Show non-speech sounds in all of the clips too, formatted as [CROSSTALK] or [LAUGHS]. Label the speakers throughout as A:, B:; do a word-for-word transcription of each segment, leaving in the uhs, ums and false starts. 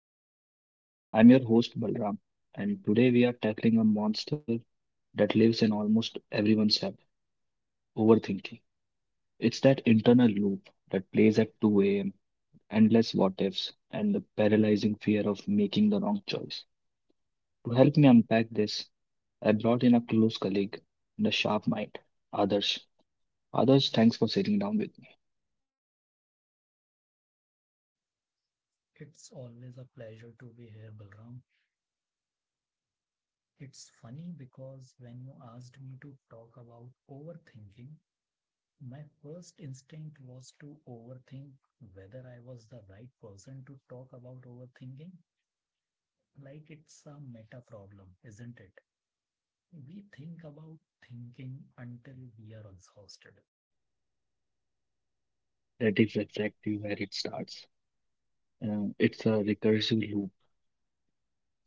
A: podcast. I'm your host, Balram, and today we are tackling a monster that lives in almost everyone's head, overthinking. It's that internal loop that plays at two a m, endless what ifs, and the paralyzing fear of making the wrong choice. To help me unpack this, I brought in a close colleague and a sharp mind, Adarsh. Adarsh, thanks for sitting down with me.
B: It's always a pleasure to be here, Balram. It's funny because when you asked me to talk about overthinking, my first instinct was to overthink whether I was the right person to talk about overthinking. Like it's a meta problem, isn't it? We think about thinking until we are exhausted.
A: That is exactly where it starts. Uh, it's a recursive loop.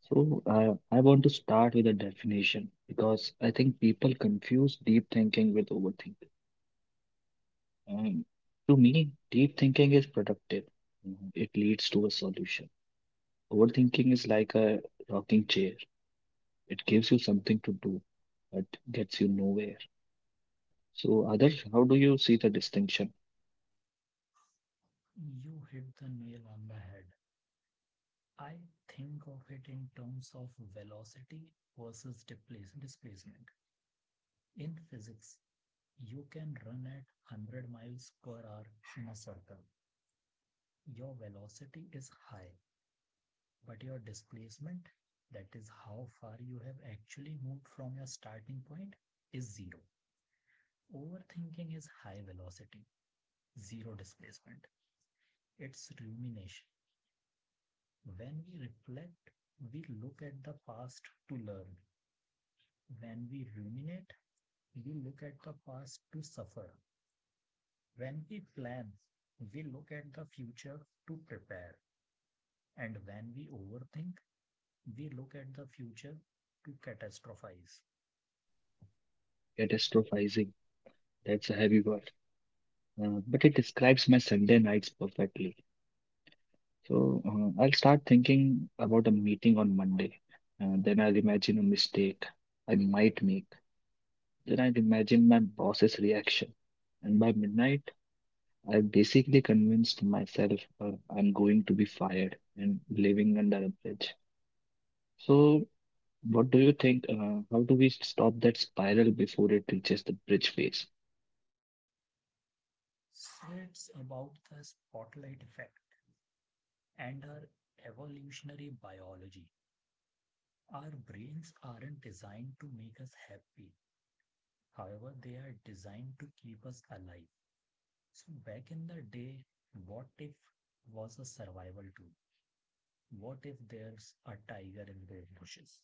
A: So I I want to start with a definition because I think people confuse deep thinking with overthinking. And to me, deep thinking is productive. Mhm. It leads to a solution. Overthinking is like a rocking chair. It gives you something to do, but gets you nowhere. So others, how do you see the distinction?
B: You hit the nail on the head. I think of it in terms of velocity versus depla- displacement. In physics, you can run at one hundred miles per hour in a circle. Your velocity is high, but your displacement, that is how far you have actually moved from your starting point, is zero. Overthinking is high velocity, zero displacement. It's rumination. When we reflect, we look at the past to learn. When we ruminate, we look at the past to suffer. When we plan, we look at the future to prepare. And when we overthink, we look at the future to catastrophize.
A: Catastrophizing, that's a heavy word, uh, but it describes my Sunday nights perfectly. So uh, I'll start thinking about a meeting on Monday. Uh, then I'll imagine a mistake I might make. Then I'll imagine my boss's reaction. And by midnight, I basically convinced myself uh, I'm going to be fired and living under a bridge. So, what do you think? Uh, how do we stop that spiral before it reaches the bridge phase?
B: So it's about the spotlight effect and our evolutionary biology. Our brains aren't designed to make us happy. However, they are designed to keep us alive. So back in the day, "what if" was a survival tool. "What if there's a tiger in the bushes?"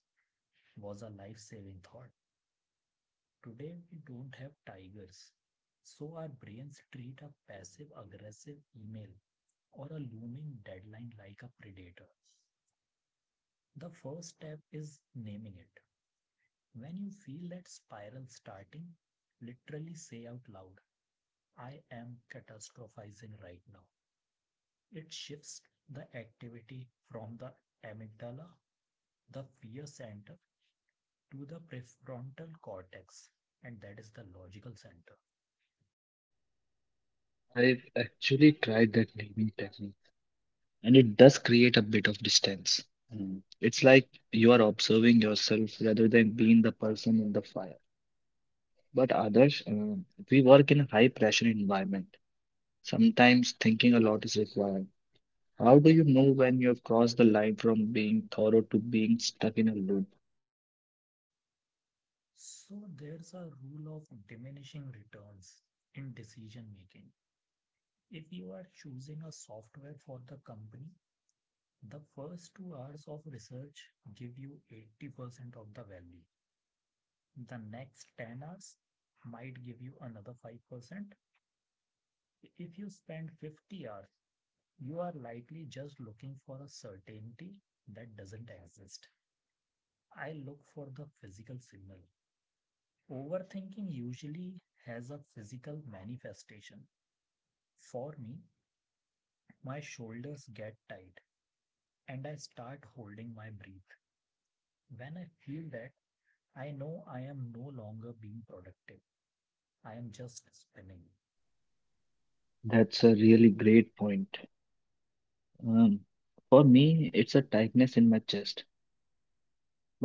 B: was a life-saving thought. Today we don't have tigers, so our brains treat a passive aggressive email or a looming deadline like a predator. The first step is naming it. When you feel that spiral starting, literally say out loud, "I am catastrophizing right now." It shifts the activity from the amygdala, the fear center, to the prefrontal cortex, and that is the logical center.
A: I've actually tried that naming technique, and it does create a bit of distance. Mm. It's like you are observing yourself rather than being the person in the fire. But others, um, we work in a high pressure environment. Sometimes thinking a lot is required. How do you know when you have crossed the line from being thorough to being stuck in a loop?
B: So there's a rule of diminishing returns in decision making. If you are choosing a software for the company, the first two hours of research give you eighty percent of the value. The next ten hours might give you another five percent. If you spend fifty hours, you are likely just looking for a certainty that doesn't exist. I look for the physical signal. Overthinking usually has a physical manifestation. For me, my shoulders get tight and I start holding my breath. When I feel that, I know I am no longer being productive. I am just spinning.
A: That's a really great point. Um, for me, it's a tightness in my chest.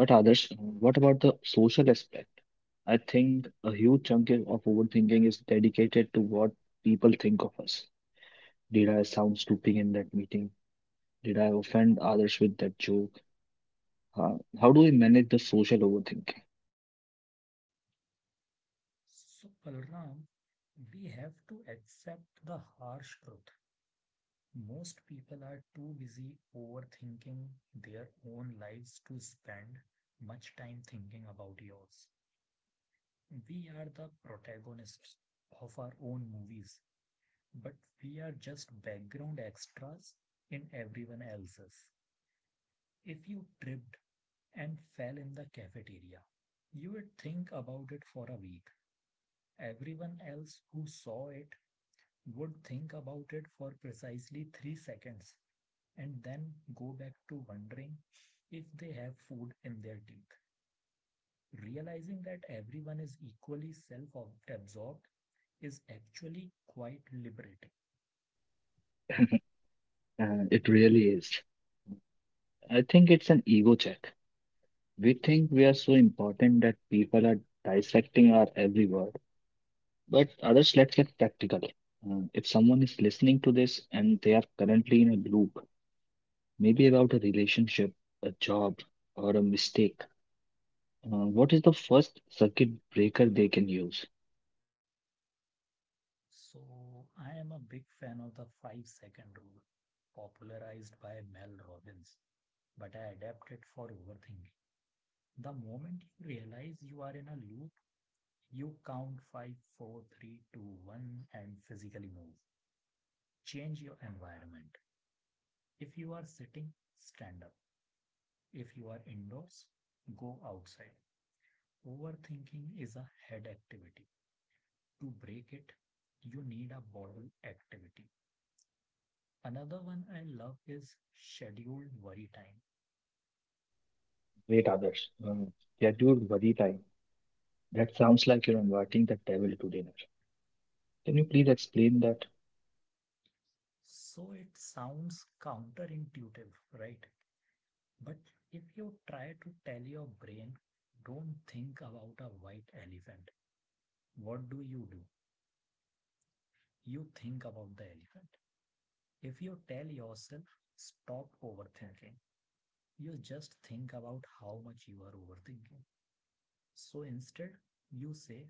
A: But others, uh, what about the social aspect? I think a huge chunk i- of overthinking is dedicated to what people think of us. Did I sound stupid in that meeting? Did I offend others with that joke? Uh, how do we manage the social overthinking?
B: So, Balram, we have to accept the harsh truth. Most people are too busy overthinking their own lives to spend much time thinking about yours. We are the protagonists of our own movies, but we are just background extras in everyone else's. If you tripped and fell in the cafeteria, you would think about it for a week. Everyone else who saw it would think about it for precisely three seconds and then go back to wondering if they have food in their teeth. Realizing that everyone is equally self absorbed is actually quite liberating.
A: Uh, it really is. I think it's an ego check. We think we are so important that people are dissecting our every word. But others, let's get practical. Uh, if someone is listening to this and they are currently in a loop, maybe about a relationship, a job, or a mistake, Uh, what is the first circuit breaker they can use?
B: So, I am a big fan of the five second rule, popularized by Mel Robbins, but I adapt it for overthinking. The moment you realize you are in a loop, you count five, four, three, two, one, and physically move. Change your environment. If you are sitting, stand up. If you are indoors, go outside. Overthinking is a head activity. To break it, you need a body activity. Another one I love is scheduled worry time.
A: Wait, others. Um, scheduled worry time. That sounds like you're inviting the devil to dinner. Can you please explain that?
B: So it sounds counterintuitive, right? But if you try to tell your brain, "don't think about a white elephant," what do you do? You think about the elephant. If you tell yourself, "stop overthinking," you just think about how much you are overthinking. So instead, you say,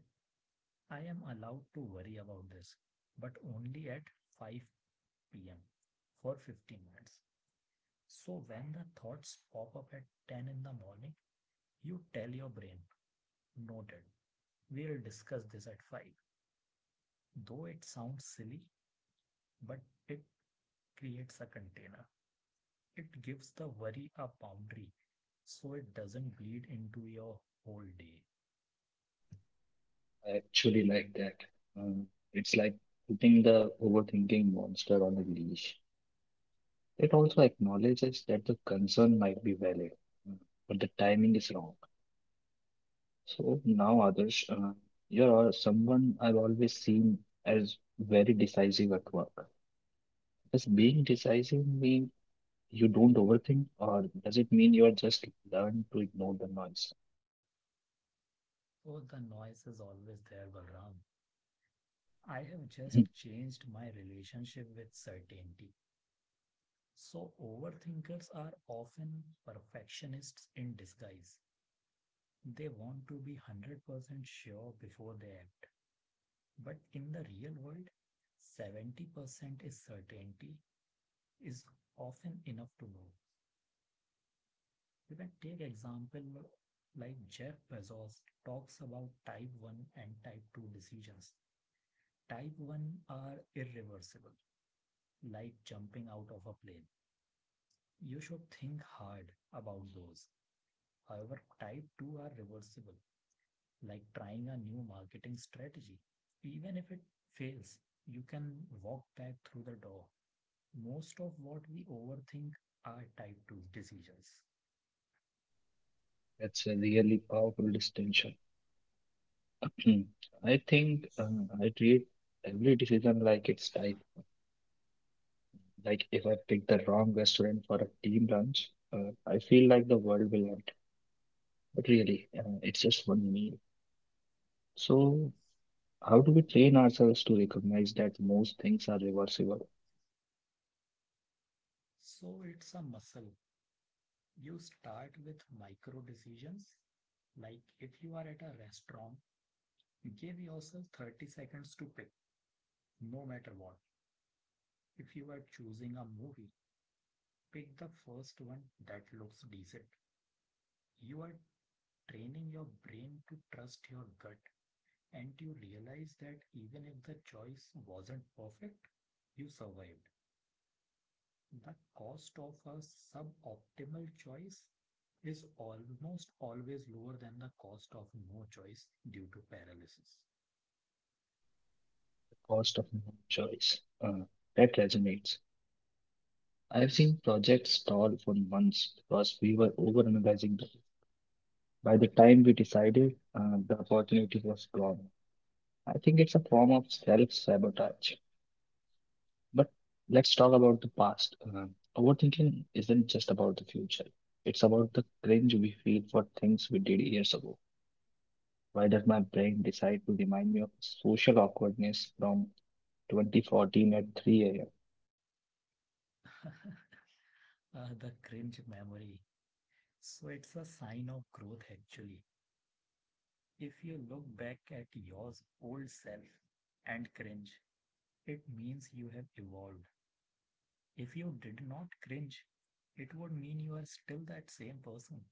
B: "I am allowed to worry about this, but only at five p m for fifteen minutes." So when the thoughts pop up at ten in the morning, you tell your brain, "noted, we'll discuss this at five" Though it sounds silly, but it creates a container. It gives the worry a boundary so it doesn't bleed into your whole day.
A: I actually like that. Um, it's like putting the overthinking monster on a leash. It also acknowledges that the concern might be valid, um, but the timing is wrong. So now, others, uh, you're someone I've always seen as very decisive at work. Does being decisive mean you don't overthink, or does it mean you're just learn to ignore the noise?
B: Oh, the noise is always there, Balram. I have just
A: [CLEARS THROAT]
B: changed my relationship with certainty. So overthinkers are often perfectionists in disguise. They want to be one hundred percent sure before they act. But in the real world, seventy percent is certainty is often enough to know. You can take example like Jeff Bezos talks about type one and type two decisions. Type one are irreversible, like jumping out of a plane. You should think hard about those. However, type two are reversible, like trying a new marketing strategy. Even if it fails, you can walk back through the door. Most of what we overthink are type two decisions.
A: That's a really powerful distinction. [CLEARS THROAT] I think uh, I treat every decision like it's tied. Like if I pick the wrong restaurant for a team lunch, uh, I feel like the world will end. But really, uh, it's just one meal. So how do we train ourselves to recognize that most things are reversible,
B: So it's a muscle. You start with micro decisions. Like if you are at a restaurant, give yourself thirty seconds to pick, no matter what. If you are choosing a movie, pick the first one that looks decent. You are training your brain to trust your gut and you realize that even if the choice wasn't perfect, you survived. The cost of a suboptimal choice is almost always lower than the cost of no choice due to paralysis.
A: the cost of no choice? Uh, that resonates. I've seen projects stall for months because we were overanalyzing them. By the time we decided, uh, the opportunity was gone. I think it's a form of self-sabotage. But let's talk about the past. Uh, overthinking isn't just about the future. It's about the cringe we feel for things we did years ago. Why does my brain decide to remind me of social awkwardness from twenty fourteen at three a m?
B: [LAUGHS] Uh, the cringe memory. So it's a sign of growth actually. If you look back at your old self and cringe, it means you have evolved. If you did not cringe, it would mean you are still that same person.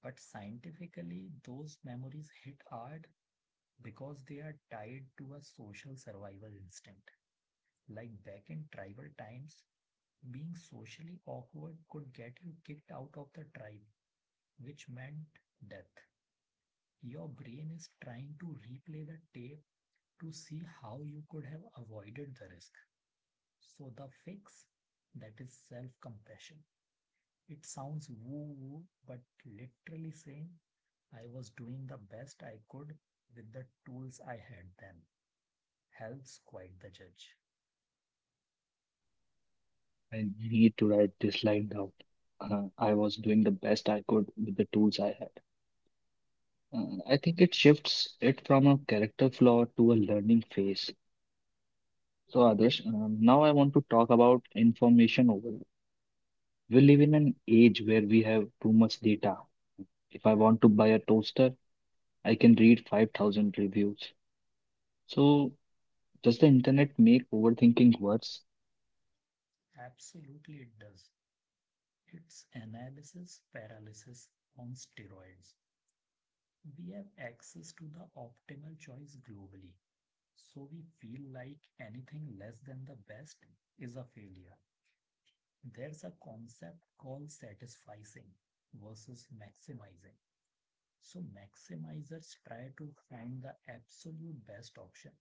B: But scientifically, those memories hit hard because they are tied to a social survival instinct. Like back in tribal times, being socially awkward could get you kicked out of the tribe, which meant death. Your brain is trying to replay the tape to see how you could have avoided the risk. So, the fix that is self compassion. It sounds woo woo, but literally saying "I was doing the best I could with the tools I had then" helps quite the judge.
A: I need to write this line down. Uh, I was doing the best I could with the tools I had. Uh, I think it shifts it from a character flaw to a learning phase. So, Adarsh, um, now I want to talk about information overload. We live in an age where we have too much data. If I want to buy a toaster, I can read five thousand reviews. So, does the internet make overthinking worse?
B: Absolutely, it does. It's analysis paralysis on steroids. We have access to the optimal choice globally, so we feel like anything less than the best is a failure. There's a concept called satisficing versus maximizing. So maximizers try to find the absolute best option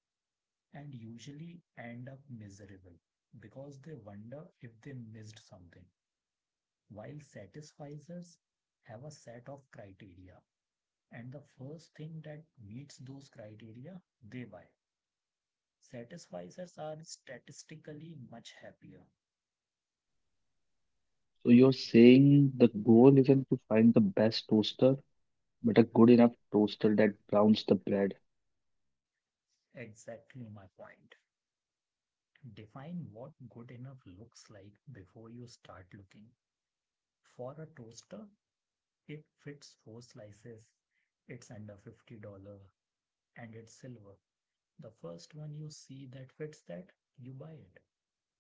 B: and usually end up miserable because they wonder if they missed something. While satisficers have a set of criteria and the first thing that meets those criteria, they buy. Satisficers are statistically much happier.
A: So, you're saying the goal isn't to find the best toaster, but a good enough toaster that browns the bread,
B: Exactly my point. Define what good enough looks like before you start looking. For a toaster, it fits four slices, it's under fifty dollars, and it's silver. The first one you see that fits that, you buy it.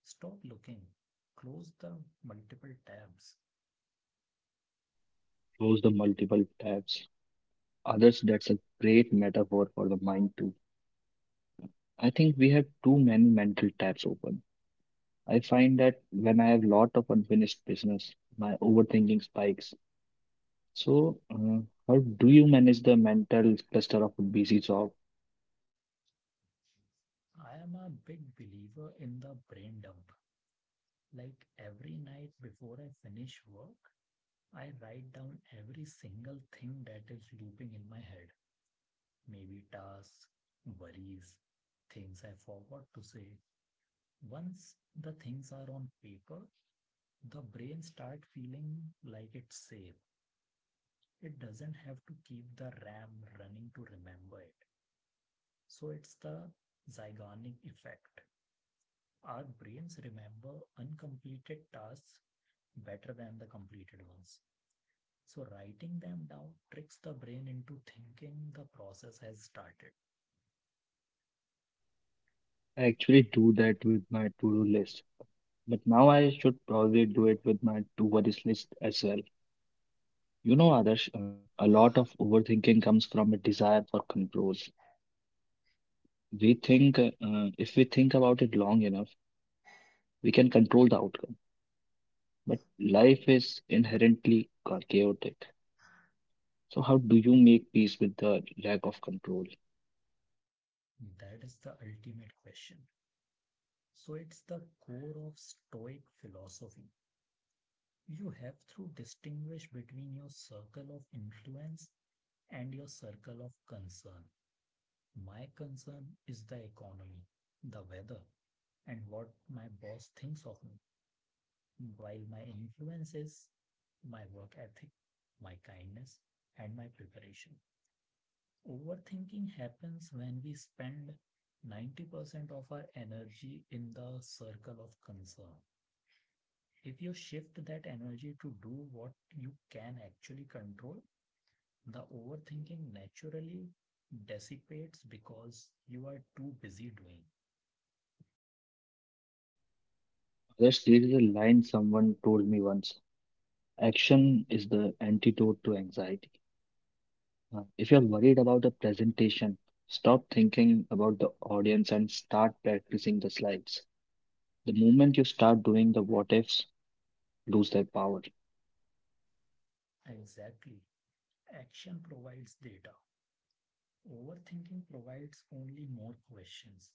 B: Stop looking. Close the multiple tabs.
A: close the multiple tabs. Others, that's a great metaphor for the mind, too. I think we have too many mental tabs open. I find that when I have lot of unfinished business, my overthinking spikes. So, uh, how do you manage the mental cluster of a busy job?
B: I am a big believer in the brain dump. Like every night before I finish work, I write down every single thing that is looping in my head. Maybe tasks, worries, things I forgot to say. Once the things are on paper, the brain starts feeling like it's safe. It doesn't have to keep the RAM running to remember it. So it's the zygonic effect. Our brains remember uncompleted tasks better than the completed ones. So writing them down tricks the brain into thinking the process has started.
A: I actually do that with my to-do list, but now I should probably do it with my to-worries list as well. You know, Adarsh, uh, a lot of overthinking comes from a desire for control. We think, uh, if we think about it long enough, we can control the outcome. But life is inherently cha- chaotic. So, how do you make peace with the lack of control?
B: That is the ultimate question. So it's the core of Stoic philosophy. You have to distinguish between your circle of influence and your circle of concern. My concern is the economy, the weather, and what my boss thinks of me, while my influence is my work ethic, my kindness, and my preparation. Overthinking happens when we spend ninety percent of our energy in the circle of concern. If you shift that energy to do what you can actually control, the overthinking naturally dissipates because you are too busy doing.
A: Others, there is a line someone told me once, action is the antidote to anxiety. Uh, If you're worried about a presentation, stop thinking about the audience and start practicing the slides. The moment you start doing the what ifs, lose their power.
B: Exactly. Action provides data. Overthinking provides only more questions.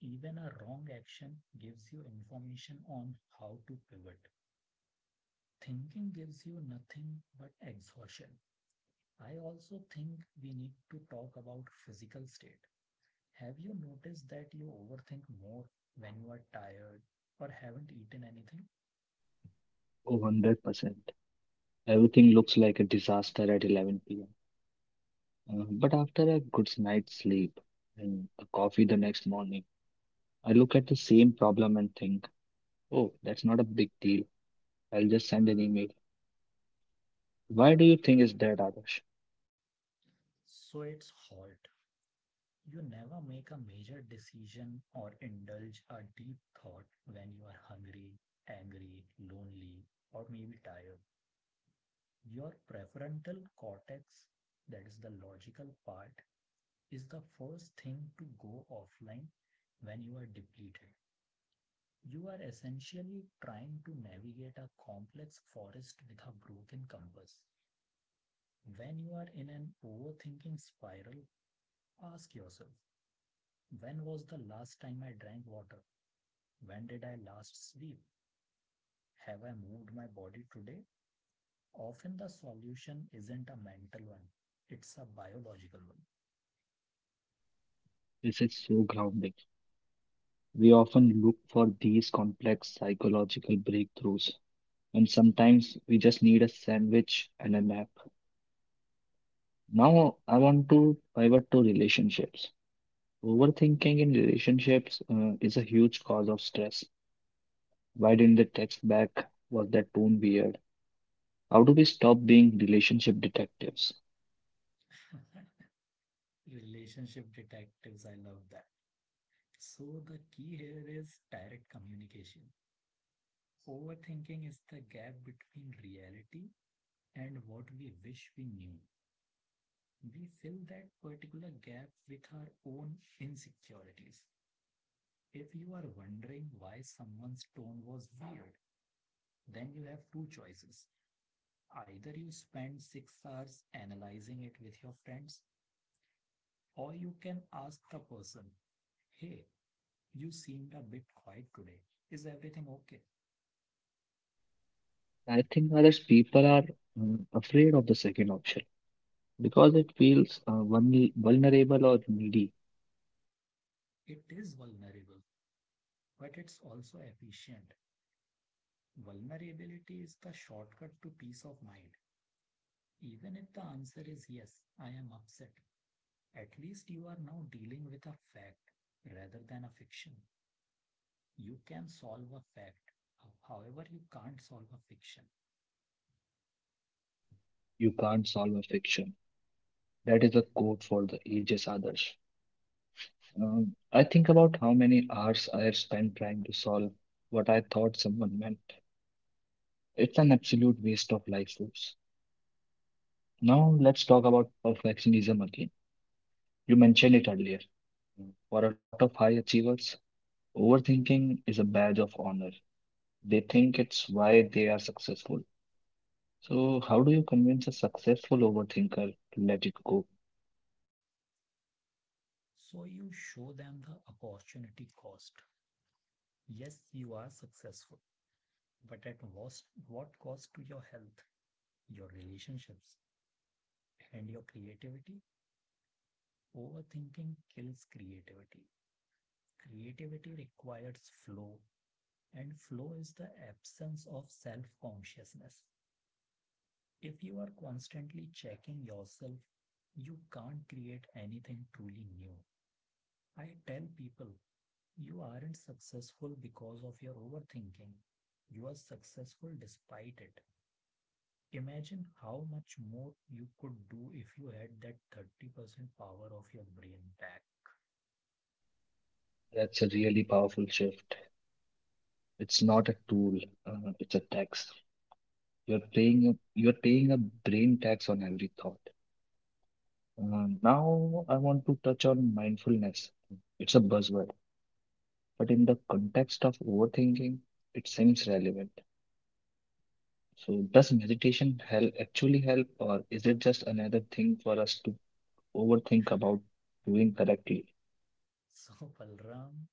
B: Even a wrong action gives you information on how to pivot. Thinking gives you nothing but exhaustion. I also think we need to talk about physical state. Have you noticed that you overthink more when you are tired or haven't eaten anything?
A: Oh, one hundred percent. Everything looks like a disaster at eleven p m. Uh, but after a good night's sleep and a coffee the next morning, I look at the same problem and think, oh, that's not a big deal. I'll just send an email. Why do you think it's that, Adarsh?
B: So it's halt. You never make a major decision or indulge a deep thought when you are hungry, angry, lonely, or maybe tired. Your prefrontal cortex, that is the logical part, is the first thing to go offline when you are depleted. You are essentially trying to navigate a complex forest with a broken compass. When you are in an overthinking spiral, ask yourself, when was the last time I drank water? When did I last sleep? Have I moved my body today? Often the solution isn't a mental one, it's a biological one.
A: This is so grounding. We often look for these complex psychological breakthroughs, and sometimes we just need a sandwich and a nap. Now, I want to pivot to relationships. Overthinking in relationships uh, is a huge cause of stress. Why didn't they text back? Was that tone weird? How do we stop being relationship detectives?
B: [LAUGHS] Relationship detectives, I love that. So the key here is direct communication. Overthinking is the gap between reality and what we wish we knew. We fill that particular gap with our own insecurities. If you are wondering why someone's tone was weird, then you have two choices. Either you spend six hours analyzing it with your friends, or you can ask the person, "Hey, you seemed a bit quiet today. Is everything okay?"
A: I think others people are uh, afraid of the second option because it feels uh, vulne- vulnerable or needy.
B: It is vulnerable, but it's also efficient. Vulnerability is the shortcut to peace of mind. Even if the answer is yes, I am upset, at least you are now dealing with a fact rather than a fiction. You can solve a fact. Uh, however, you can't solve a fiction.
A: You can't solve a fiction. That is a quote for the ages others. Um, I think about how many hours I have spent trying to solve what I thought someone meant. It's an absolute waste of life force. Now let's talk about perfectionism again. You mentioned it earlier. Mm, for a lot of high achievers, overthinking is a badge of honor. They think it's why they are successful. So, how do you convince a successful overthinker to let it go?
B: So you show them the opportunity cost. Yes, you are successful, but at what, what cost to your health, your relationships, and your creativity? Overthinking kills creativity. Creativity requires flow, and flow is the absence of self consciousness. If you are constantly checking yourself, you can't create anything truly new. I tell people you aren't successful because of your overthinking. You are successful despite it. Imagine how much more you could do if you had that thirty percent power of your brain back. [LAUGHS]
A: That's a really powerful shift. It's not a tool, uh, it's a tax. You're paying a, you're paying a brain tax on every thought. Uh, now, I want to touch on mindfulness. It's a buzzword, but in the context of overthinking, it seems relevant. So, does meditation help actually help, or is it just another thing for us to overthink about doing correctly?
B: So, Balram,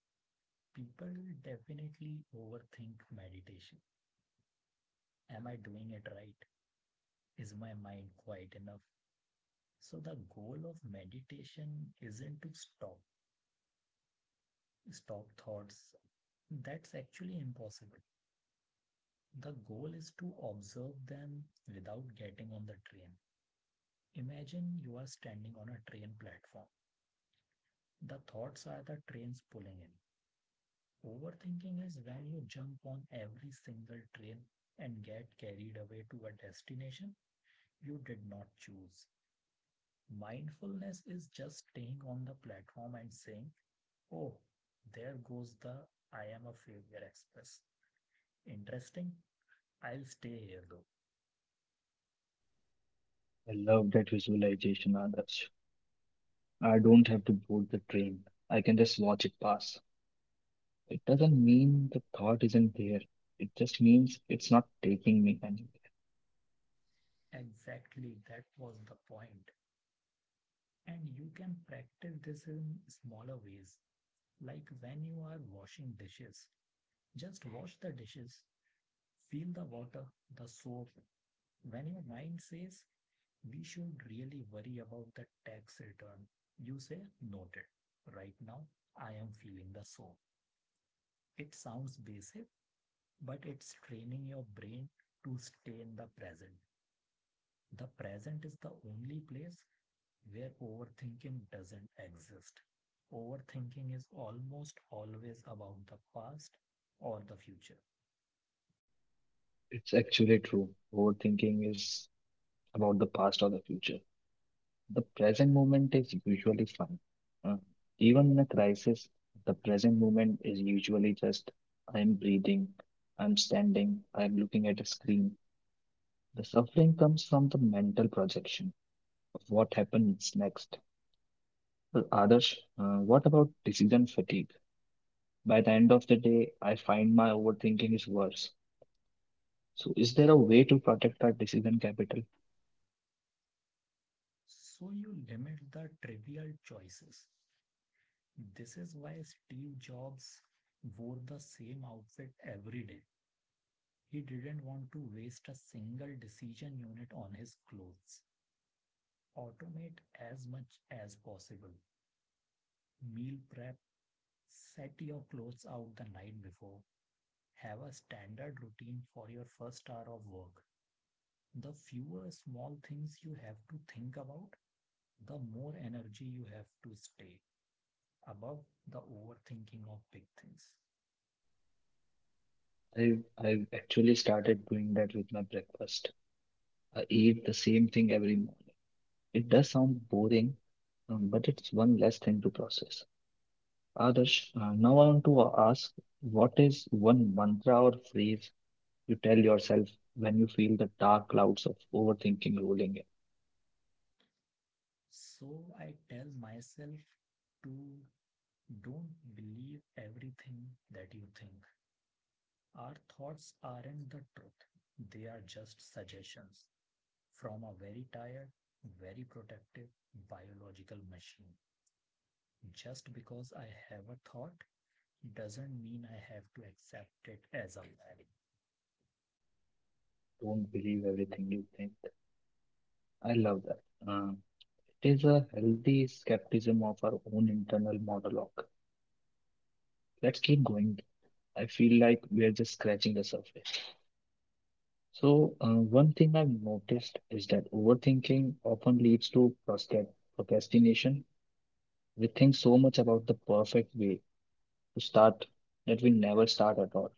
B: people definitely overthink meditation. Am I doing it right? Is my mind quiet enough? So, the goal of meditation isn't to stop stop thoughts. That's actually impossible. The goal is to observe them without getting on the train. Imagine you are standing on a train platform. The thoughts are the trains pulling in. Overthinking is when you jump on every single train and get carried away to a destination you did not choose. Mindfulness is just staying on the platform and saying, "Oh, there goes the I am a failure express. Interesting. I'll stay here though."
A: I love that visualization, Adarsh. I don't have to board the train. I can just watch it pass. It doesn't mean the thought isn't there. It just means it's not taking me anywhere.
B: Exactly, that was the point. And you can practice this in smaller ways, like when you are washing dishes. Just wash the dishes, feel the water, the soap. When your mind says, "We should really worry about the tax return," you say, "Noted. Right now, I am feeling the soap." It sounds basic, but it's training your brain to stay in the present. The present is the only place where overthinking doesn't exist. Overthinking is almost always about the past or the future.
A: It's actually true. Overthinking is about the past or the future. The present moment is usually fun. Uh, Even in a crisis, the present moment is usually just I'm breathing, I'm standing, I'm looking at a screen. The suffering comes from the mental projection of what happens next. Well, Adarsh, uh, what about decision fatigue? By the end of the day, I find my overthinking is worse. So, is there a way to protect our decision capital?
B: So you limit the trivial choices. This is why Steve Jobs wore the same outfit every day. He didn't want to waste a single decision unit on his clothes. Automate as much as possible. Meal prep, set your clothes out the night before, have a standard routine for your first hour of work. The fewer small things you have to think about, the more energy you have to stay above the overthinking of big things.
A: I I've actually started doing that with my breakfast. I eat the same thing every morning. It does sound boring, um, but it's one less thing to process. Adarsh, uh, now I want to ask, what is one mantra or phrase you tell yourself when you feel the dark clouds of overthinking rolling in?
B: So I tell myself to don't believe everything that you think. Our thoughts aren't the truth, they are just suggestions from a very tired, very protective biological machine. Just because I have a thought doesn't mean I have to accept it as a value.
A: Don't believe everything you think. I love that. Uh, it is a healthy skepticism of our own internal monologue. Let's keep going. I feel like we are just scratching the surface. So, uh, one thing I've noticed is that overthinking often leads to prosca- procrastination. We think so much about the perfect way to start that we never start at all.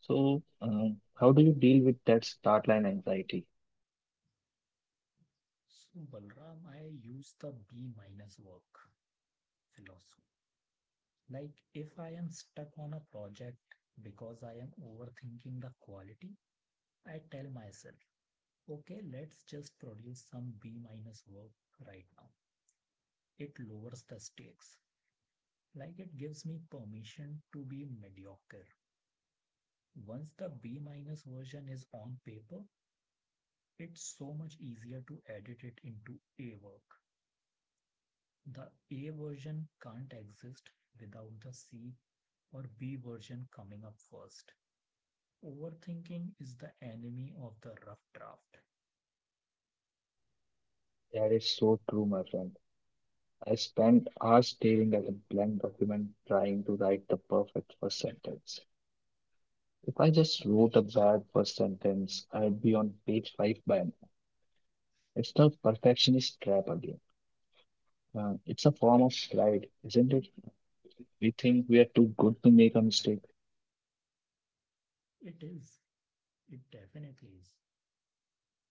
A: So, um, how do you deal with that start line anxiety?
B: So, Balram, I use the B minus work philosophy. Like, if I am stuck on a project because I am overthinking the quality, I tell myself, okay, let's just produce some B minus work right now. It lowers the stakes. Like, it gives me permission to be mediocre. Once the B minus version is on paper, it's so much easier to edit it into A work. The A version can't exist without the C or B version coming up first. Overthinking is the enemy of the rough draft.
A: That is so true, my friend. I spent hours staring at a blank document trying to write the perfect first sentence. If I just wrote a bad first sentence, I'd be on page five by now. It's the perfectionist trap again. Uh, it's a form of pride, isn't it? We think we are too good to make a mistake.
B: It is. It definitely is.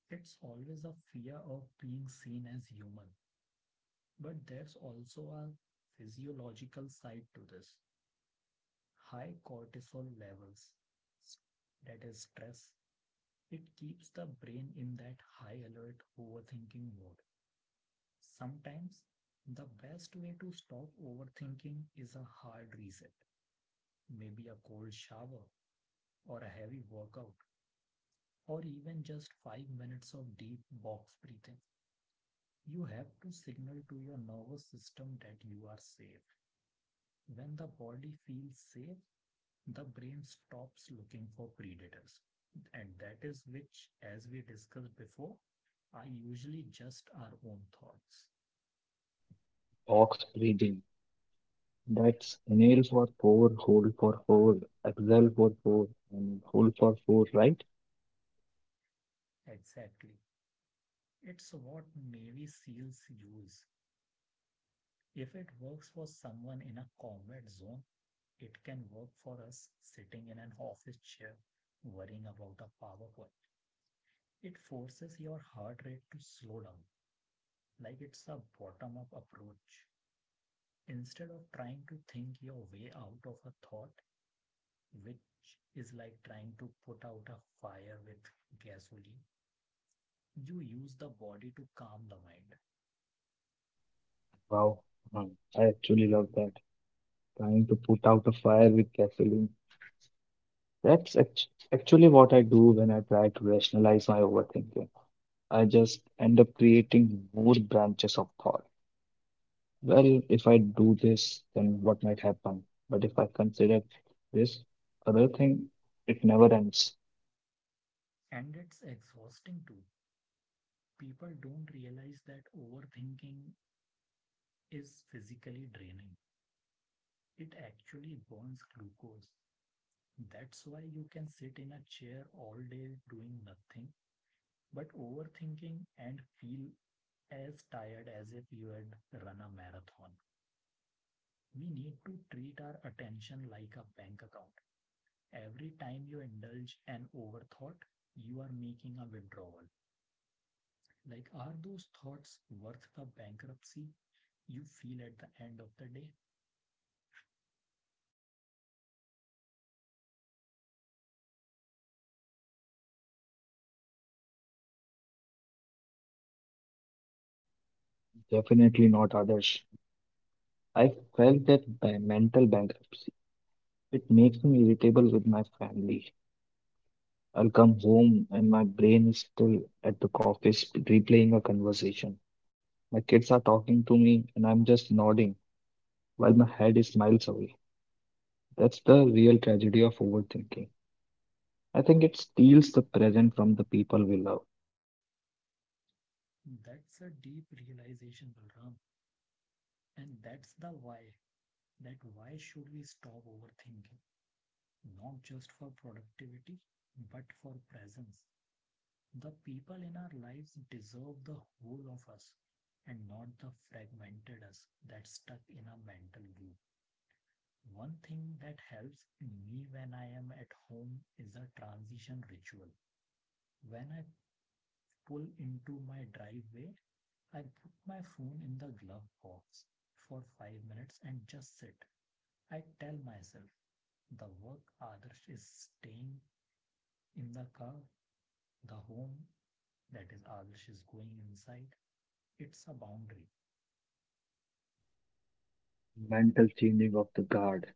B: It's always a fear of being seen as human. But there's also a physiological side to this. High cortisol levels, that is stress, it keeps the brain in that high alert overthinking mode. Sometimes the best way to stop overthinking is a hard reset, maybe a cold shower or a heavy workout, or even just five minutes of deep box breathing. You have to signal to your nervous system that you are safe. When the body feels safe, the brain stops looking for predators. And that is which, as we discussed before, are usually just our own thoughts.
A: Ox breathing. That's inhale for four, hold for four, exhale for four, and hold for four, right?
B: Exactly. It's what Navy SEALs use. If it works for someone in a combat zone, it can work for us sitting in an office chair worrying about a PowerPoint. It forces your heart rate to slow down, like it's a bottom up approach. Instead of trying to think your way out of a thought, which is like trying to put out a fire with gasoline, you use the body to calm the mind.
A: Wow. Uh, I actually love that. Trying to put out a fire with gasoline. That's act- actually what I do when I try to rationalize my overthinking. I just end up creating more branches of thought. Well, if I do this, then what might happen? But if I consider this other thing, it never ends.
B: And it's exhausting too. People don't realize that overthinking is physically draining. It actually burns glucose. That's why you can sit in a chair all day doing nothing but overthinking and feel as tired as if you had run a marathon. We need to treat our attention like a bank account. Every time you indulge an overthought, you are making a withdrawal. Like, are those thoughts worth the bankruptcy you feel at the end of the day?
A: Definitely not others. I felt that by mental bankruptcy. It makes me irritable with my family. I'll come home and my brain is still at the office replaying a conversation. My kids are talking to me and I'm just nodding while my head is miles away. That's the real tragedy of overthinking. I think it steals the present from the people we love.
B: That's a deep realization, Balram. And that's the why. That why should we stop overthinking? Not just for productivity, but for presence. The people in our lives deserve the whole of us and not the fragmented us that's stuck in a mental loop. One thing that helps me when I am at home is a transition ritual. When I pull into my driveway, I put my phone in the glove box for five minutes and just sit. I tell myself the work Adarsh is staying in the car, the home that is Adarsh is going inside. It's a boundary.
A: Mental changing of the guard.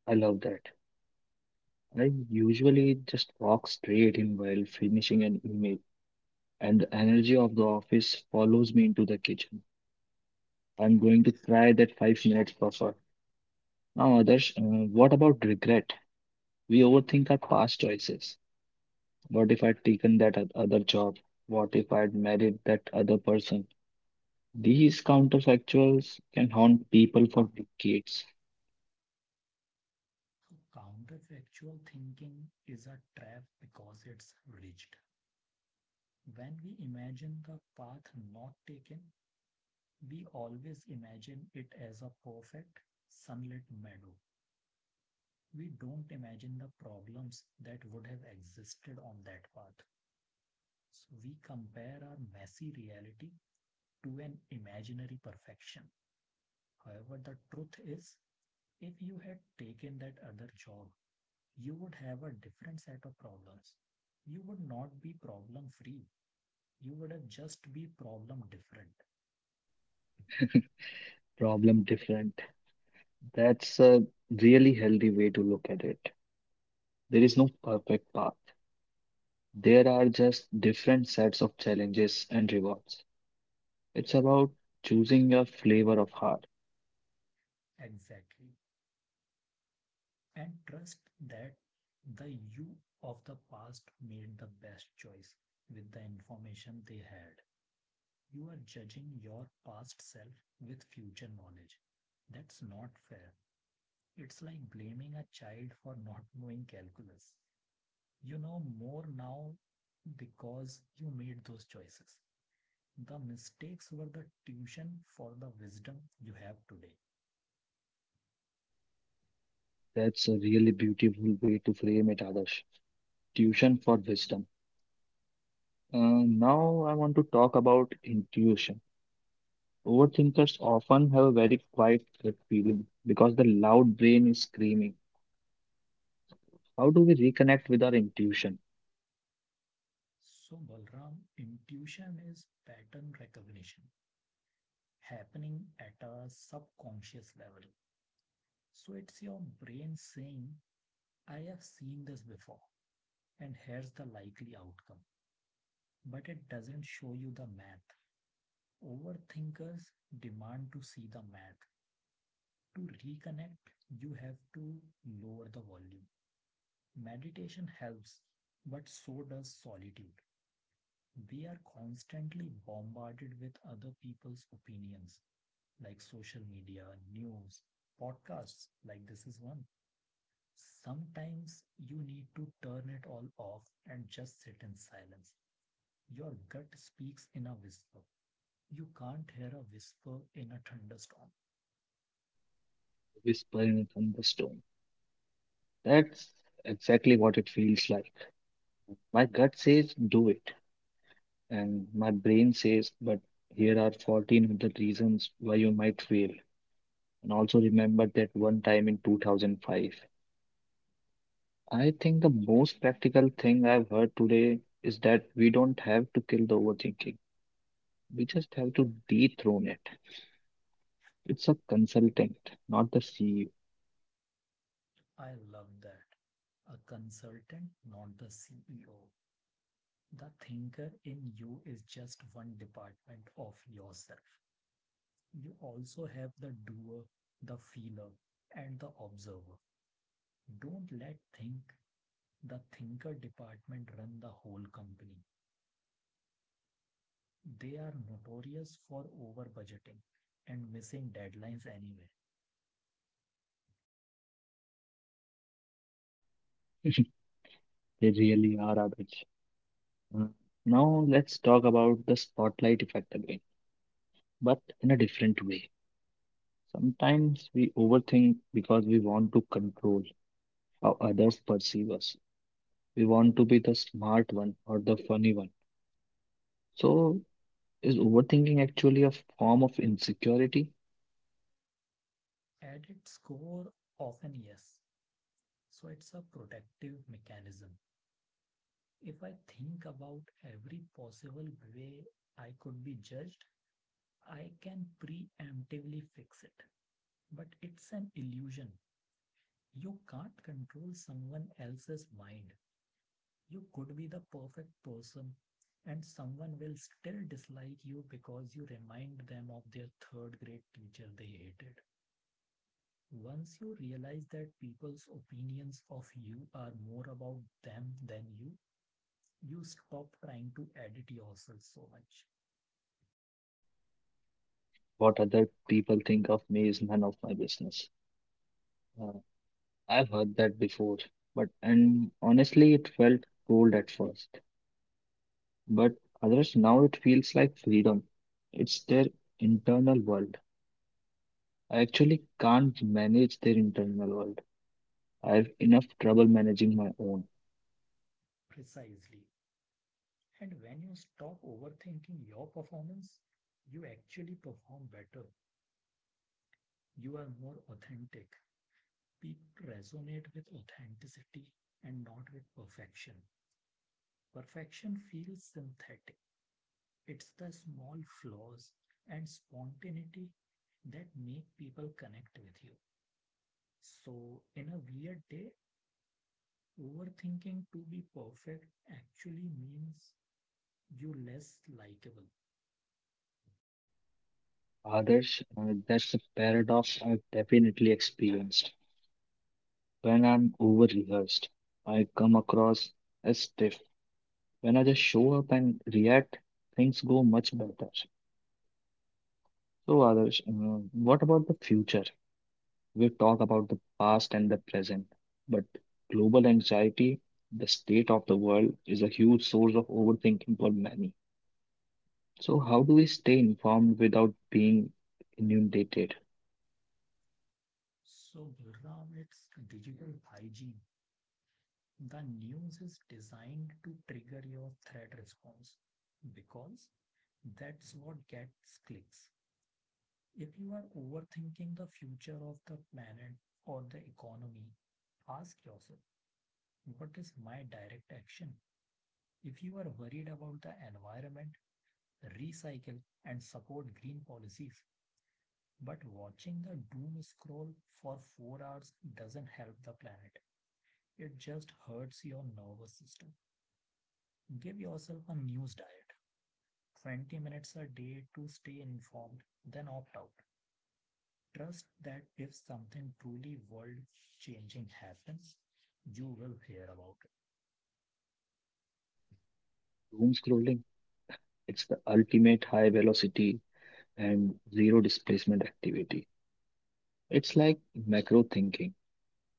A: I love that. I usually just walk straight in while finishing an email, and the energy of the office follows me into the kitchen. I'm going to try that five minutes buffer. Now, others, uh, what about regret? We overthink our past choices. What if I'd taken that oth- other job? What if I'd married that other person? These counterfactuals can haunt people for decades.
B: So counterfactual thinking is a trap because it's rigid. When we imagine the path not taken, we always imagine it as a perfect sunlit meadow. We don't imagine the problems that would have existed on that path. So we compare our messy reality to an imaginary perfection. However, the truth is, if you had taken that other job, you would have a different set of problems. You would not be problem free. You would have just be problem different.
A: Problem different. That's a really healthy way to look at it. There is no perfect path. There are just different sets of challenges and rewards. It's about choosing your flavor of heart.
B: Exactly. And trust that the you of the past made the best choice with the information they had. You are judging your past self with future knowledge. That's not fair. It's like blaming a child for not knowing calculus. You know more now because you made those choices. The mistakes were the tuition for the wisdom you have today.
A: That's a really beautiful way to frame it, Adarsh. Tuition for wisdom. Uh, now I want to talk about intuition. Overthinkers often have a very quiet gut feeling because the loud brain is screaming. How do we reconnect with our intuition?
B: So, Balram, intuition is pattern recognition happening at a subconscious level. So, it's your brain saying, I have seen this before, and here's the likely outcome. But it doesn't show you the math. Overthinkers demand to see the math. To reconnect, you have to lower the volume. Meditation helps, but so does solitude. We are constantly bombarded with other people's opinions, like social media, news, podcasts, like this is one. Sometimes you need to turn it all off and just sit in silence. Your gut speaks in a whisper. You can't hear a whisper in a thunderstorm.
A: Whisper in a thunderstorm. That's exactly what it feels like. My gut says do it, and my brain says, but here are fourteen other reasons why you might fail. And also remember that one time in two thousand five. I think the most practical thing I've heard today is that we don't have to kill the overthinking. We just have to dethrone it. It's a consultant, not the C E O.
B: I love that. A consultant, not the C E O. The thinker in you is just one department of yourself. You also have the doer, the feeler, and the observer. Don't let think the thinker department run the whole company. They are notorious for over budgeting and missing deadlines anyway.
A: They really are our Uh, Now let's talk about the spotlight effect again, but in a different way. Sometimes we overthink because we want to control how others perceive us. We want to be the smart one or the funny one. So is overthinking actually a form of insecurity?
B: At its core, often yes, so it's a protective mechanism. If I think about every possible way I could be judged, I can preemptively fix it. But it's an illusion. You can't control someone else's mind. You could be the perfect person, and someone will still dislike you because you remind them of their third grade teacher they hated. Once you realize that people's opinions of you are more about them than you, you stop trying to edit yourself so much.
A: What other people think of me is none of my business. Uh, I've heard that before, but and honestly, it felt cold at first. But others now it feels like freedom. It's their internal world. I actually can't manage their internal world. I have enough trouble managing my own.
B: Precisely. And when you stop overthinking your performance, you actually perform better. You are more authentic. People resonate with authenticity and not with perfection. Perfection feels synthetic. It's the small flaws and spontaneity that make people connect with you. So, in a weird day, overthinking to be perfect actually means you less likable.
A: Others, uh, that's a paradox I've definitely experienced. When I'm over rehearsed, I come across as stiff. When I just show up and react, things go much better. So, others, uh, what about the future? We talk about the past and the present, but global anxiety, the state of the world, is a huge source of overthinking for many. So, how do we stay informed without being inundated?
B: So, Gurram, it's digital hygiene. The news is designed to trigger your threat response because that's what gets clicks. If you are overthinking the future of the planet or the economy, ask yourself, what is my direct action? If you are worried about the environment, recycle and support green policies. But watching the doom scroll for four hours doesn't help the planet. It just hurts your nervous system. Give yourself a news diet. twenty minutes a day to stay informed, then opt out. Trust that if something truly world changing happens, you will hear about it.
A: Doom scrolling, it's the ultimate high velocity and zero displacement activity. It's like macro thinking.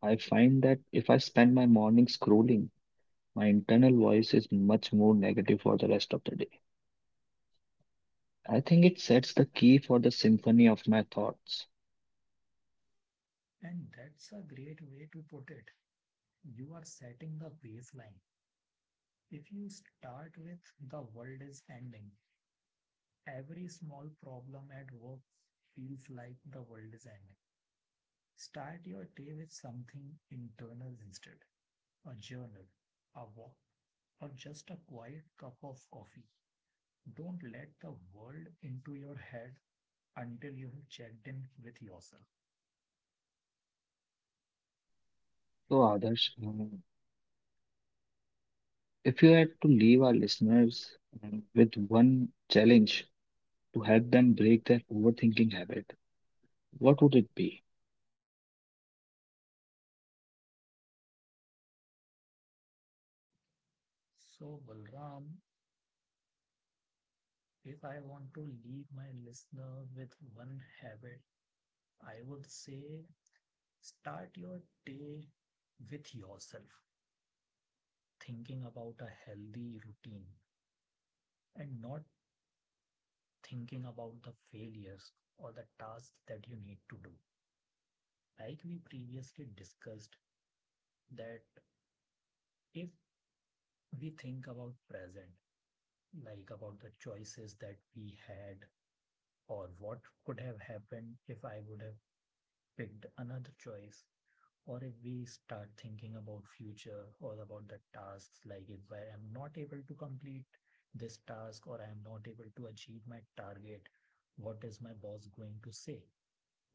A: I find that if I spend my morning scrolling, my internal voice is much more negative for the rest of the day. I think it sets the key for the symphony of my thoughts.
B: And that's a great way to put it. You are setting the baseline. If you start with the world is ending, every small problem at work feels like the world is ending. Start your day with something internal instead, a journal, a walk, or just a quiet cup of coffee. Don't let the world into your head until you have checked in with yourself.
A: So, Adarsh, um, if you had to leave our listeners um, with one challenge to help them break their overthinking habit, what would it be?
B: So, Balram, if I want to leave my listener with one habit, I would say start your day with yourself, thinking about a healthy routine and not thinking about the failures or the tasks that you need to do. Like we previously discussed, that if we think about present, like about the choices that we had or what could have happened if I would have picked another choice, or if we start thinking about future or about the tasks, like if I am not able to complete this task or I am not able to achieve my target, what is my boss going to say?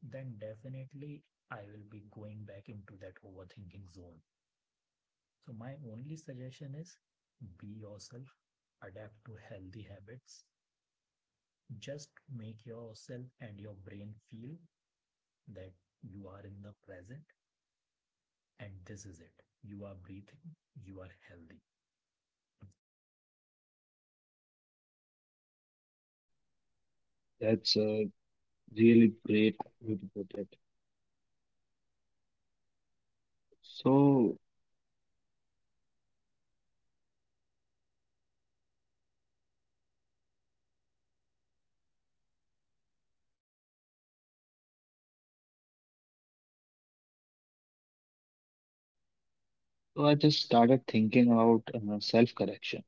B: Then definitely I will be going back into that overthinking zone. So my only suggestion is, be yourself, adapt to healthy habits, just make yourself and your brain feel that you are in the present and this is it. You are breathing, you are healthy.
A: That's a really great way to put it. So, so I just started thinking about uh, self-correction.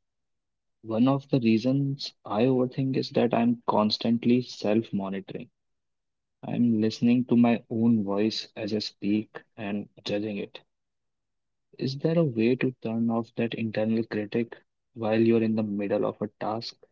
A: One of the reasons I overthink is that I'm constantly self-monitoring. I'm listening to my own voice as I speak and judging it. Is there a way to turn off that internal critic while you're in the middle of a task?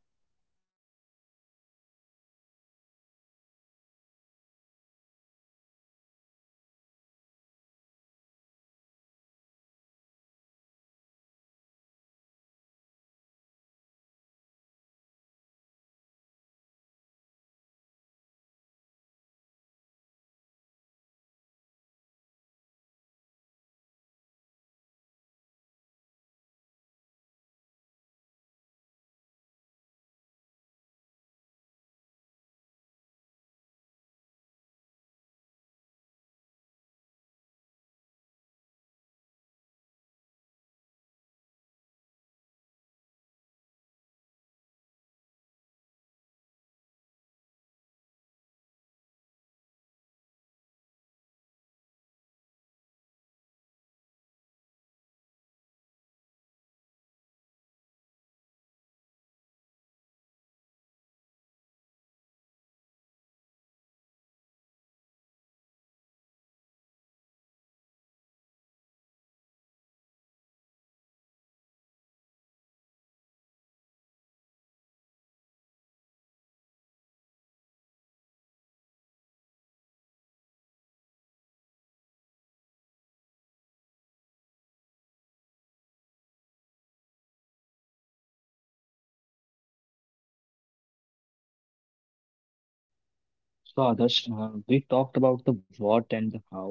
A: So, Adarsh, uh, we talked about the what and the how,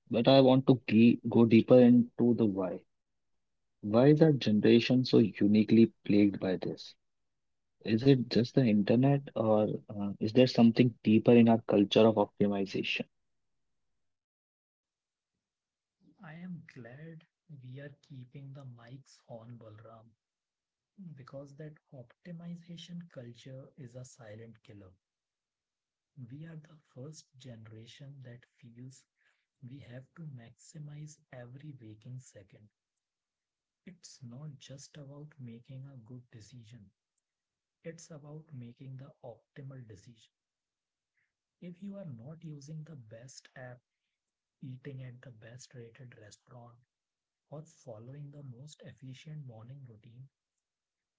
A: but I want to ge go deeper into the why. Why is our generation so uniquely plagued by this? Is it just the internet, or uh, is there something deeper in our culture of optimization?
B: I am glad we are keeping the mics on, Balram, because that optimization culture is a silent killer. We are the first generation that feels we have to maximize every waking second. It's not just about making a good decision, it's about making the optimal decision. If you are not using the best app, eating at the best rated restaurant, or following the most efficient morning routine,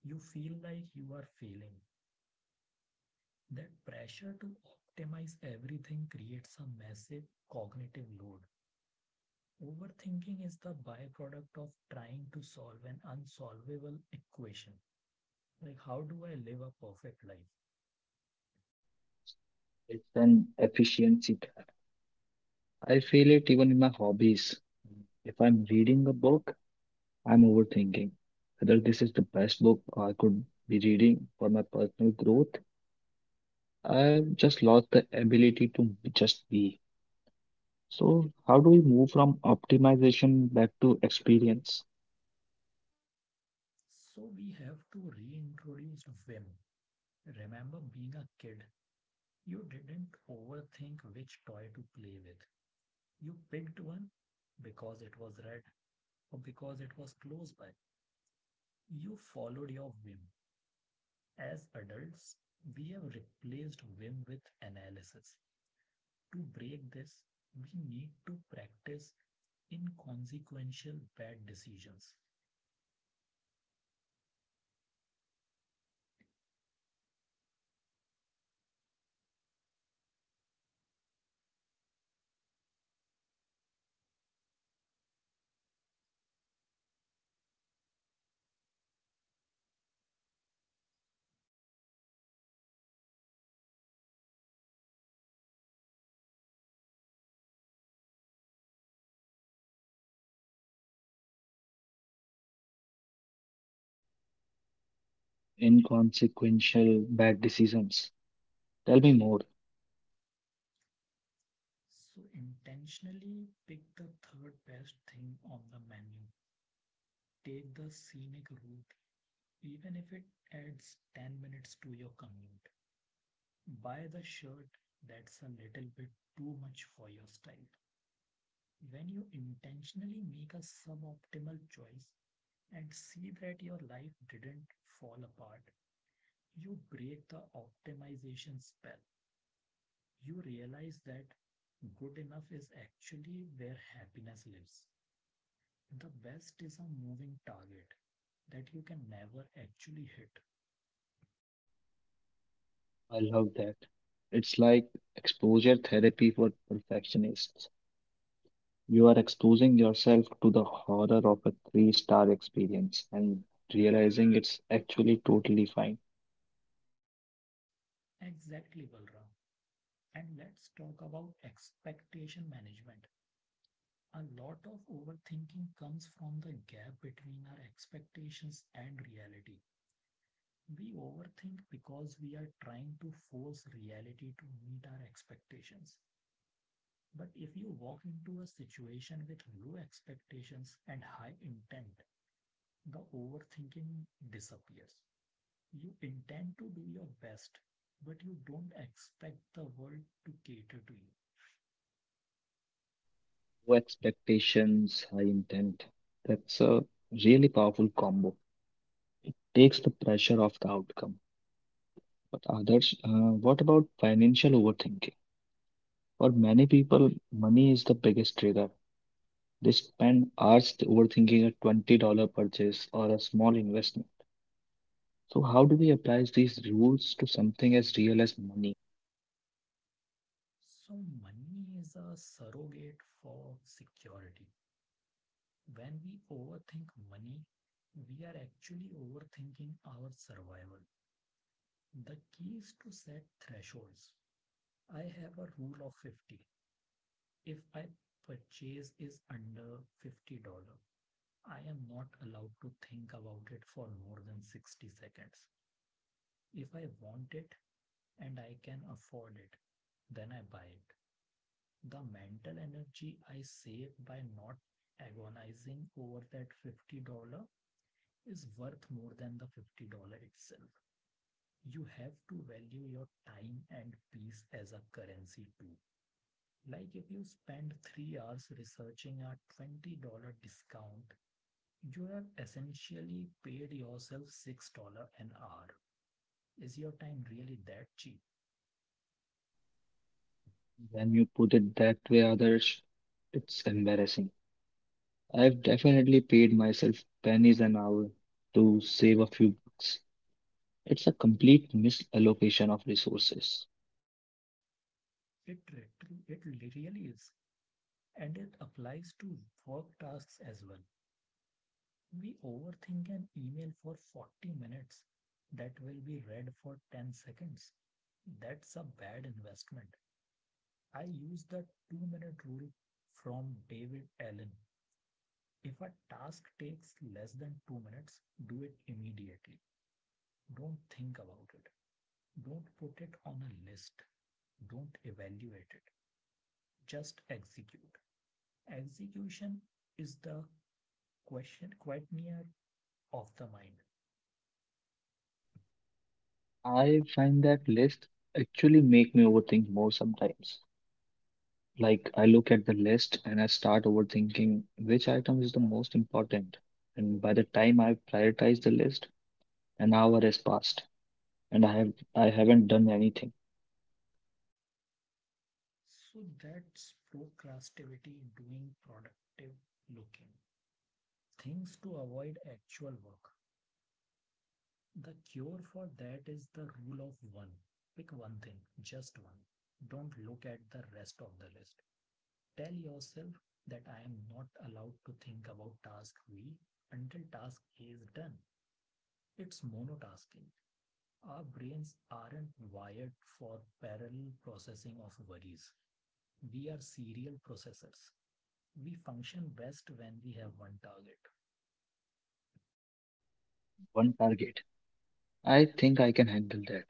B: you feel like you are failing. That pressure to optimize everything creates a massive cognitive load. Overthinking is the byproduct of trying to solve an unsolvable equation. Like, how do I live a perfect life?
A: It's an efficiency gap. I feel it even in my hobbies. If I'm reading a book, I'm overthinking whether this is the best book I could be reading for my personal growth. I've just lost the ability to just be. So, how do we move from optimization back to experience?
B: So, we have to reintroduce whim. Remember being a kid, you didn't overthink which toy to play with. You picked one because it was red or because it was close by. You followed your whim. As adults, we have replaced whim with analysis. To break this, we need to practice inconsequential bad decisions.
A: Inconsequential bad decisions. Tell me more.
B: So, intentionally pick the third best thing on the menu. Take the scenic route, even if it adds ten minutes to your commute. Buy the shirt that's a little bit too much for your style. When you intentionally make a suboptimal choice, and see that your life didn't fall apart. You break the optimization spell. You realize that good enough is actually where happiness lives. The best is a moving target that you can never actually hit.
A: I love that. It's like exposure therapy for perfectionists. You are exposing yourself to the horror of a three-star experience and realizing it's actually totally fine.
B: Exactly, Balram. And let's talk about expectation management. A lot of overthinking comes from the gap between our expectations and reality. We overthink because we are trying to force reality to meet our expectations. But if you walk into a situation with low expectations and high intent, the overthinking disappears. You intend to do your best, but you don't expect the world to cater to you.
A: Low expectations, high intent. That's a really powerful combo. Takes the pressure off the outcome. But others, uh, what about financial overthinking? For many people, money is the biggest trigger. They spend hours overthinking a twenty dollars purchase or a small investment. So, how do we apply these rules to something as real as money?
B: So, money is a surrogate for security. When we overthink money, we are actually overthinking our survival. The keys to set thresholds. I have a rule of fifty. If I purchase is under fifty dollars I am not allowed to think about it for more than sixty seconds. If I want it and I can afford it, then I buy it. The mental energy I save by not agonizing over that fifty dollars is worth more than the fifty dollars itself. You have to value your time and peace as a currency too. Like if you spend three hours researching a twenty dollars discount, you have essentially paid yourself six dollars an hour. Is your time really that cheap?
A: When you put it that way, others, it's embarrassing. I've definitely paid myself pennies an hour to save a few bucks. It's a complete misallocation of resources.
B: It, re- it really is. And it applies to work tasks as well. We overthink an email for forty minutes that will be read for ten seconds. That's a bad investment. I use the two minute rule from David Allen. If a task takes less than two minutes, do it immediately. Don't think about it. Don't put it on a list. Don't evaluate it. Just execute. Execution is the question quite near of the mind.
A: I find that list actually make me overthink more sometimes. Like I look at the list and I start overthinking which item is the most important. And by the time I prioritize the list, an hour has passed and I have I haven't done anything.
B: So that's procrastivity, doing productive looking. Things to avoid actual work. The cure for that is the rule of one. Pick one thing, just one. Don't look at the rest of the list. Tell yourself that I am not allowed to think about task B until task A is done. It's monotasking. Our brains aren't wired for parallel processing of worries. We are serial processors. We function best when we have one target.
A: One target. I think I can handle that.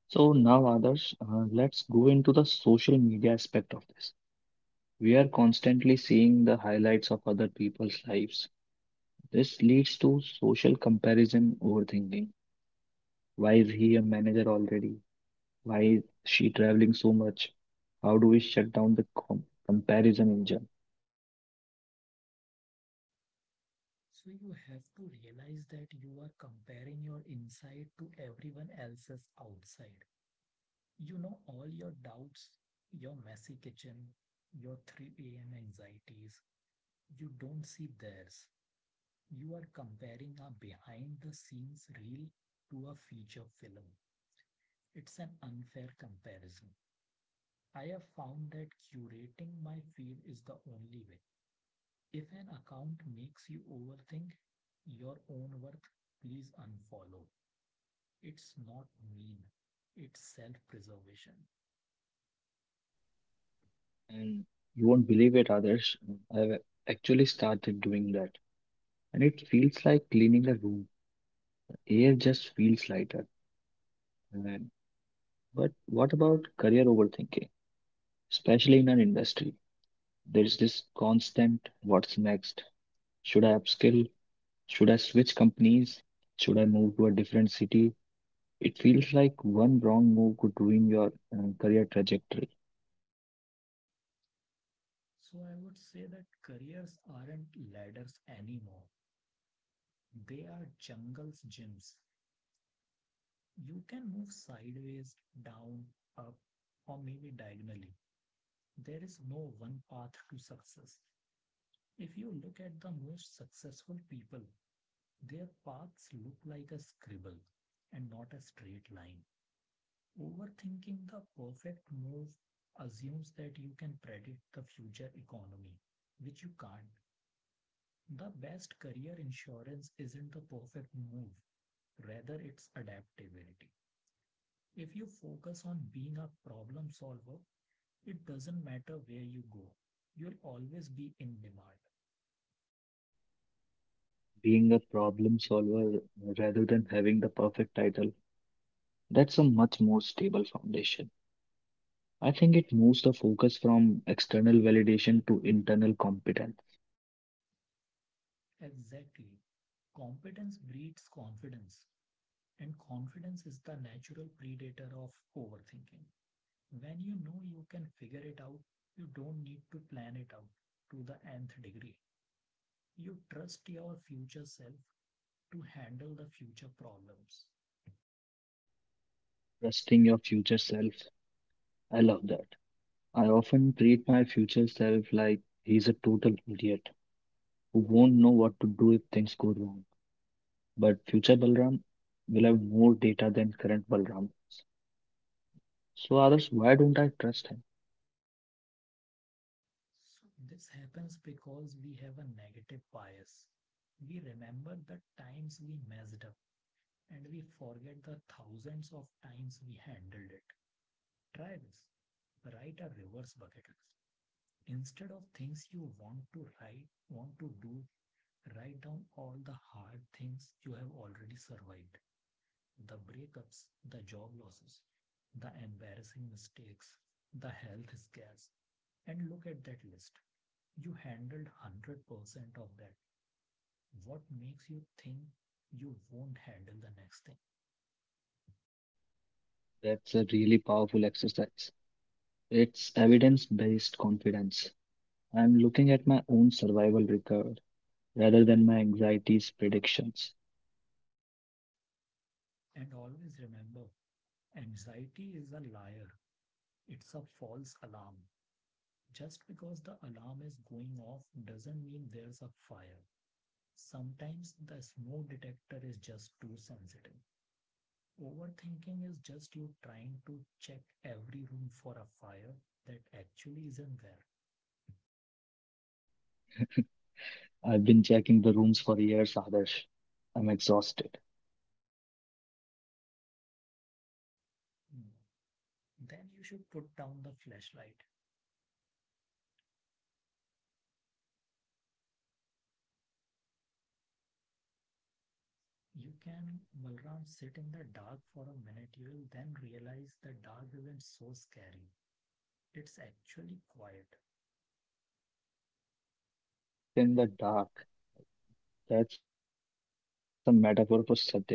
A: So now others, uh, let's go into the social media aspect of this. We are constantly seeing the highlights of other people's lives. This leads to social comparison overthinking. Why is he a manager already? Why is she traveling so much? How do we shut down the com comparison engine?
B: So you have to realize that you are comparing your inside to everyone else's outside. You know all your doubts, your messy kitchen, your three a m anxieties, you don't see theirs. You are comparing a behind the scenes reel to a feature film. It's an unfair comparison. I have found that curating my feed is the only way. If an account makes you overthink your own worth, please unfollow. It's not mean, it's self preservation.
A: And you won't believe it, others. I've actually started doing that. And it feels like cleaning a room. Air just feels lighter. And, but what about career overthinking? Especially in an industry, there's this constant what's next? Should I upskill? Should I switch companies? Should I move to a different city? It feels like one wrong move could ruin your uh, career trajectory.
B: So I would say that careers aren't ladders anymore, they are jungles gyms. You can move sideways, down, up, or maybe diagonally. There is no one path to success. If you look at the most successful people, their paths look like a scribble and not a straight line. Overthinking the perfect move assumes that you can predict the future economy, which you can't. The best career insurance isn't the perfect move, rather, it's adaptability. If you focus on being a problem solver, it doesn't matter where you go, you'll always be in demand.
A: Being a problem solver uh, rather than having the perfect title, that's a much more stable foundation. I think it moves the focus from external validation to internal competence,
B: Exactly. Competence breeds confidence, and confidence is the natural predator of overthinking. When you know you can figure it out, you don't need to plan it out to the nth degree. You trust your future self to handle the future problems.
A: trusting your future self. I love that. I often treat my future self like he's a total idiot who won't know what to do if things go wrong. But future Balram will have more data than current Balram. So, others, why don't I trust him?
B: So this happens because we have a negative bias. We remember the times we messed up and we forget the thousands of times we handled it. Try this. Write a reverse bucket list. Instead of things you want to write, want to do, write down all the hard things you have already survived. The breakups, the job losses, the embarrassing mistakes, the health scares, and look at that list. You handled one hundred percent of that. What makes you think you won't handle the next thing?
A: That's a really powerful exercise. It's evidence based confidence. I'm looking at my own survival record rather than my anxiety's predictions.
B: And always remember, anxiety is a liar. It's a false alarm. Just because the alarm is going off doesn't mean there's a fire. Sometimes the smoke detector is just too sensitive. Overthinking is just you trying to check every room for a fire that actually isn't there.
A: I've been checking the rooms for years, Adarsh. I'm exhausted.
B: Hmm. Then you should put down the flashlight. You can, Balram, sit in the dark for a minute. You will then realize the dark isn't so scary. It's actually quiet.
A: Live in the dark. That's a metaphor for certainty, right?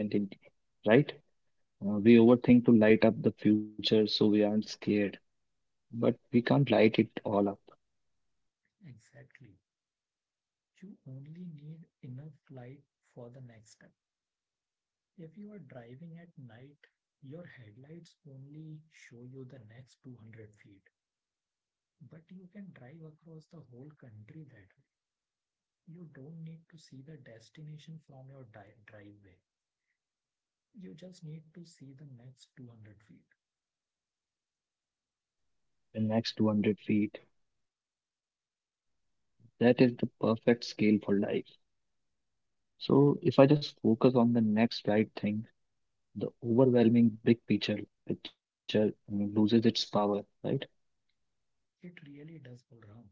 A: Uh, we overthink to light up the future so we aren't scared, but we can't light it all up.
B: Exactly. You only need enough light for the next step. If you are driving at night, your headlights only show you the next two hundred feet, but you can drive across the whole country that way. You don't need to see the destination from your di- driveway. You just need to see the next two hundred feet.
A: The next two hundred feet. That is the perfect scale for life. So, if I just focus on the next right thing, the overwhelming big picture picture I mean, loses its power, right?
B: It really does go round.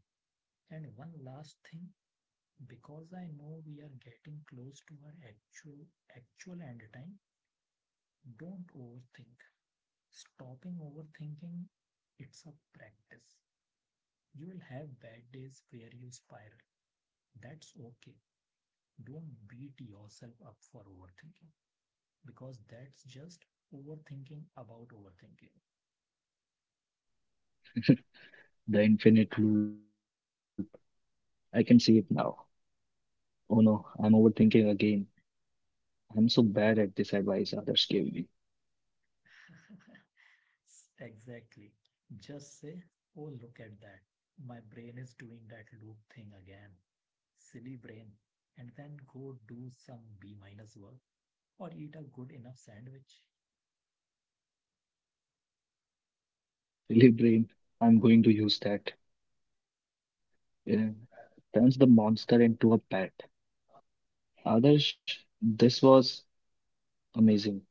B: And one last thing, because I know we are getting close to our actual actual end time, don't overthink. Stopping overthinking, it's a practice. You will have bad days where you spiral. That's okay. Don't beat yourself up for overthinking because that's just overthinking about overthinking.
A: The infinite loop. I can see it now. Oh no, I'm overthinking again. I'm so bad at this advice others gave me.
B: [LAUGHS] Exactly. Just say, oh, look at that. My brain is doing that loop thing again. Silly brain. And then go do some B minus work or eat a good enough sandwich.
A: [LAUGHS] Silly brain, I'm going to use that. Yeah. Turns the monster into a pet. Others, this was amazing.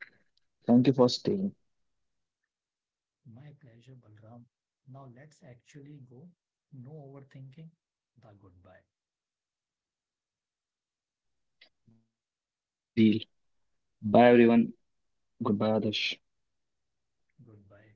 A: Thank you for staying.
B: My pleasure, Balram. Now let's actually go. No overthinking. The goodbye.
A: Deal. Bye, everyone. قبادش
B: Goodbye.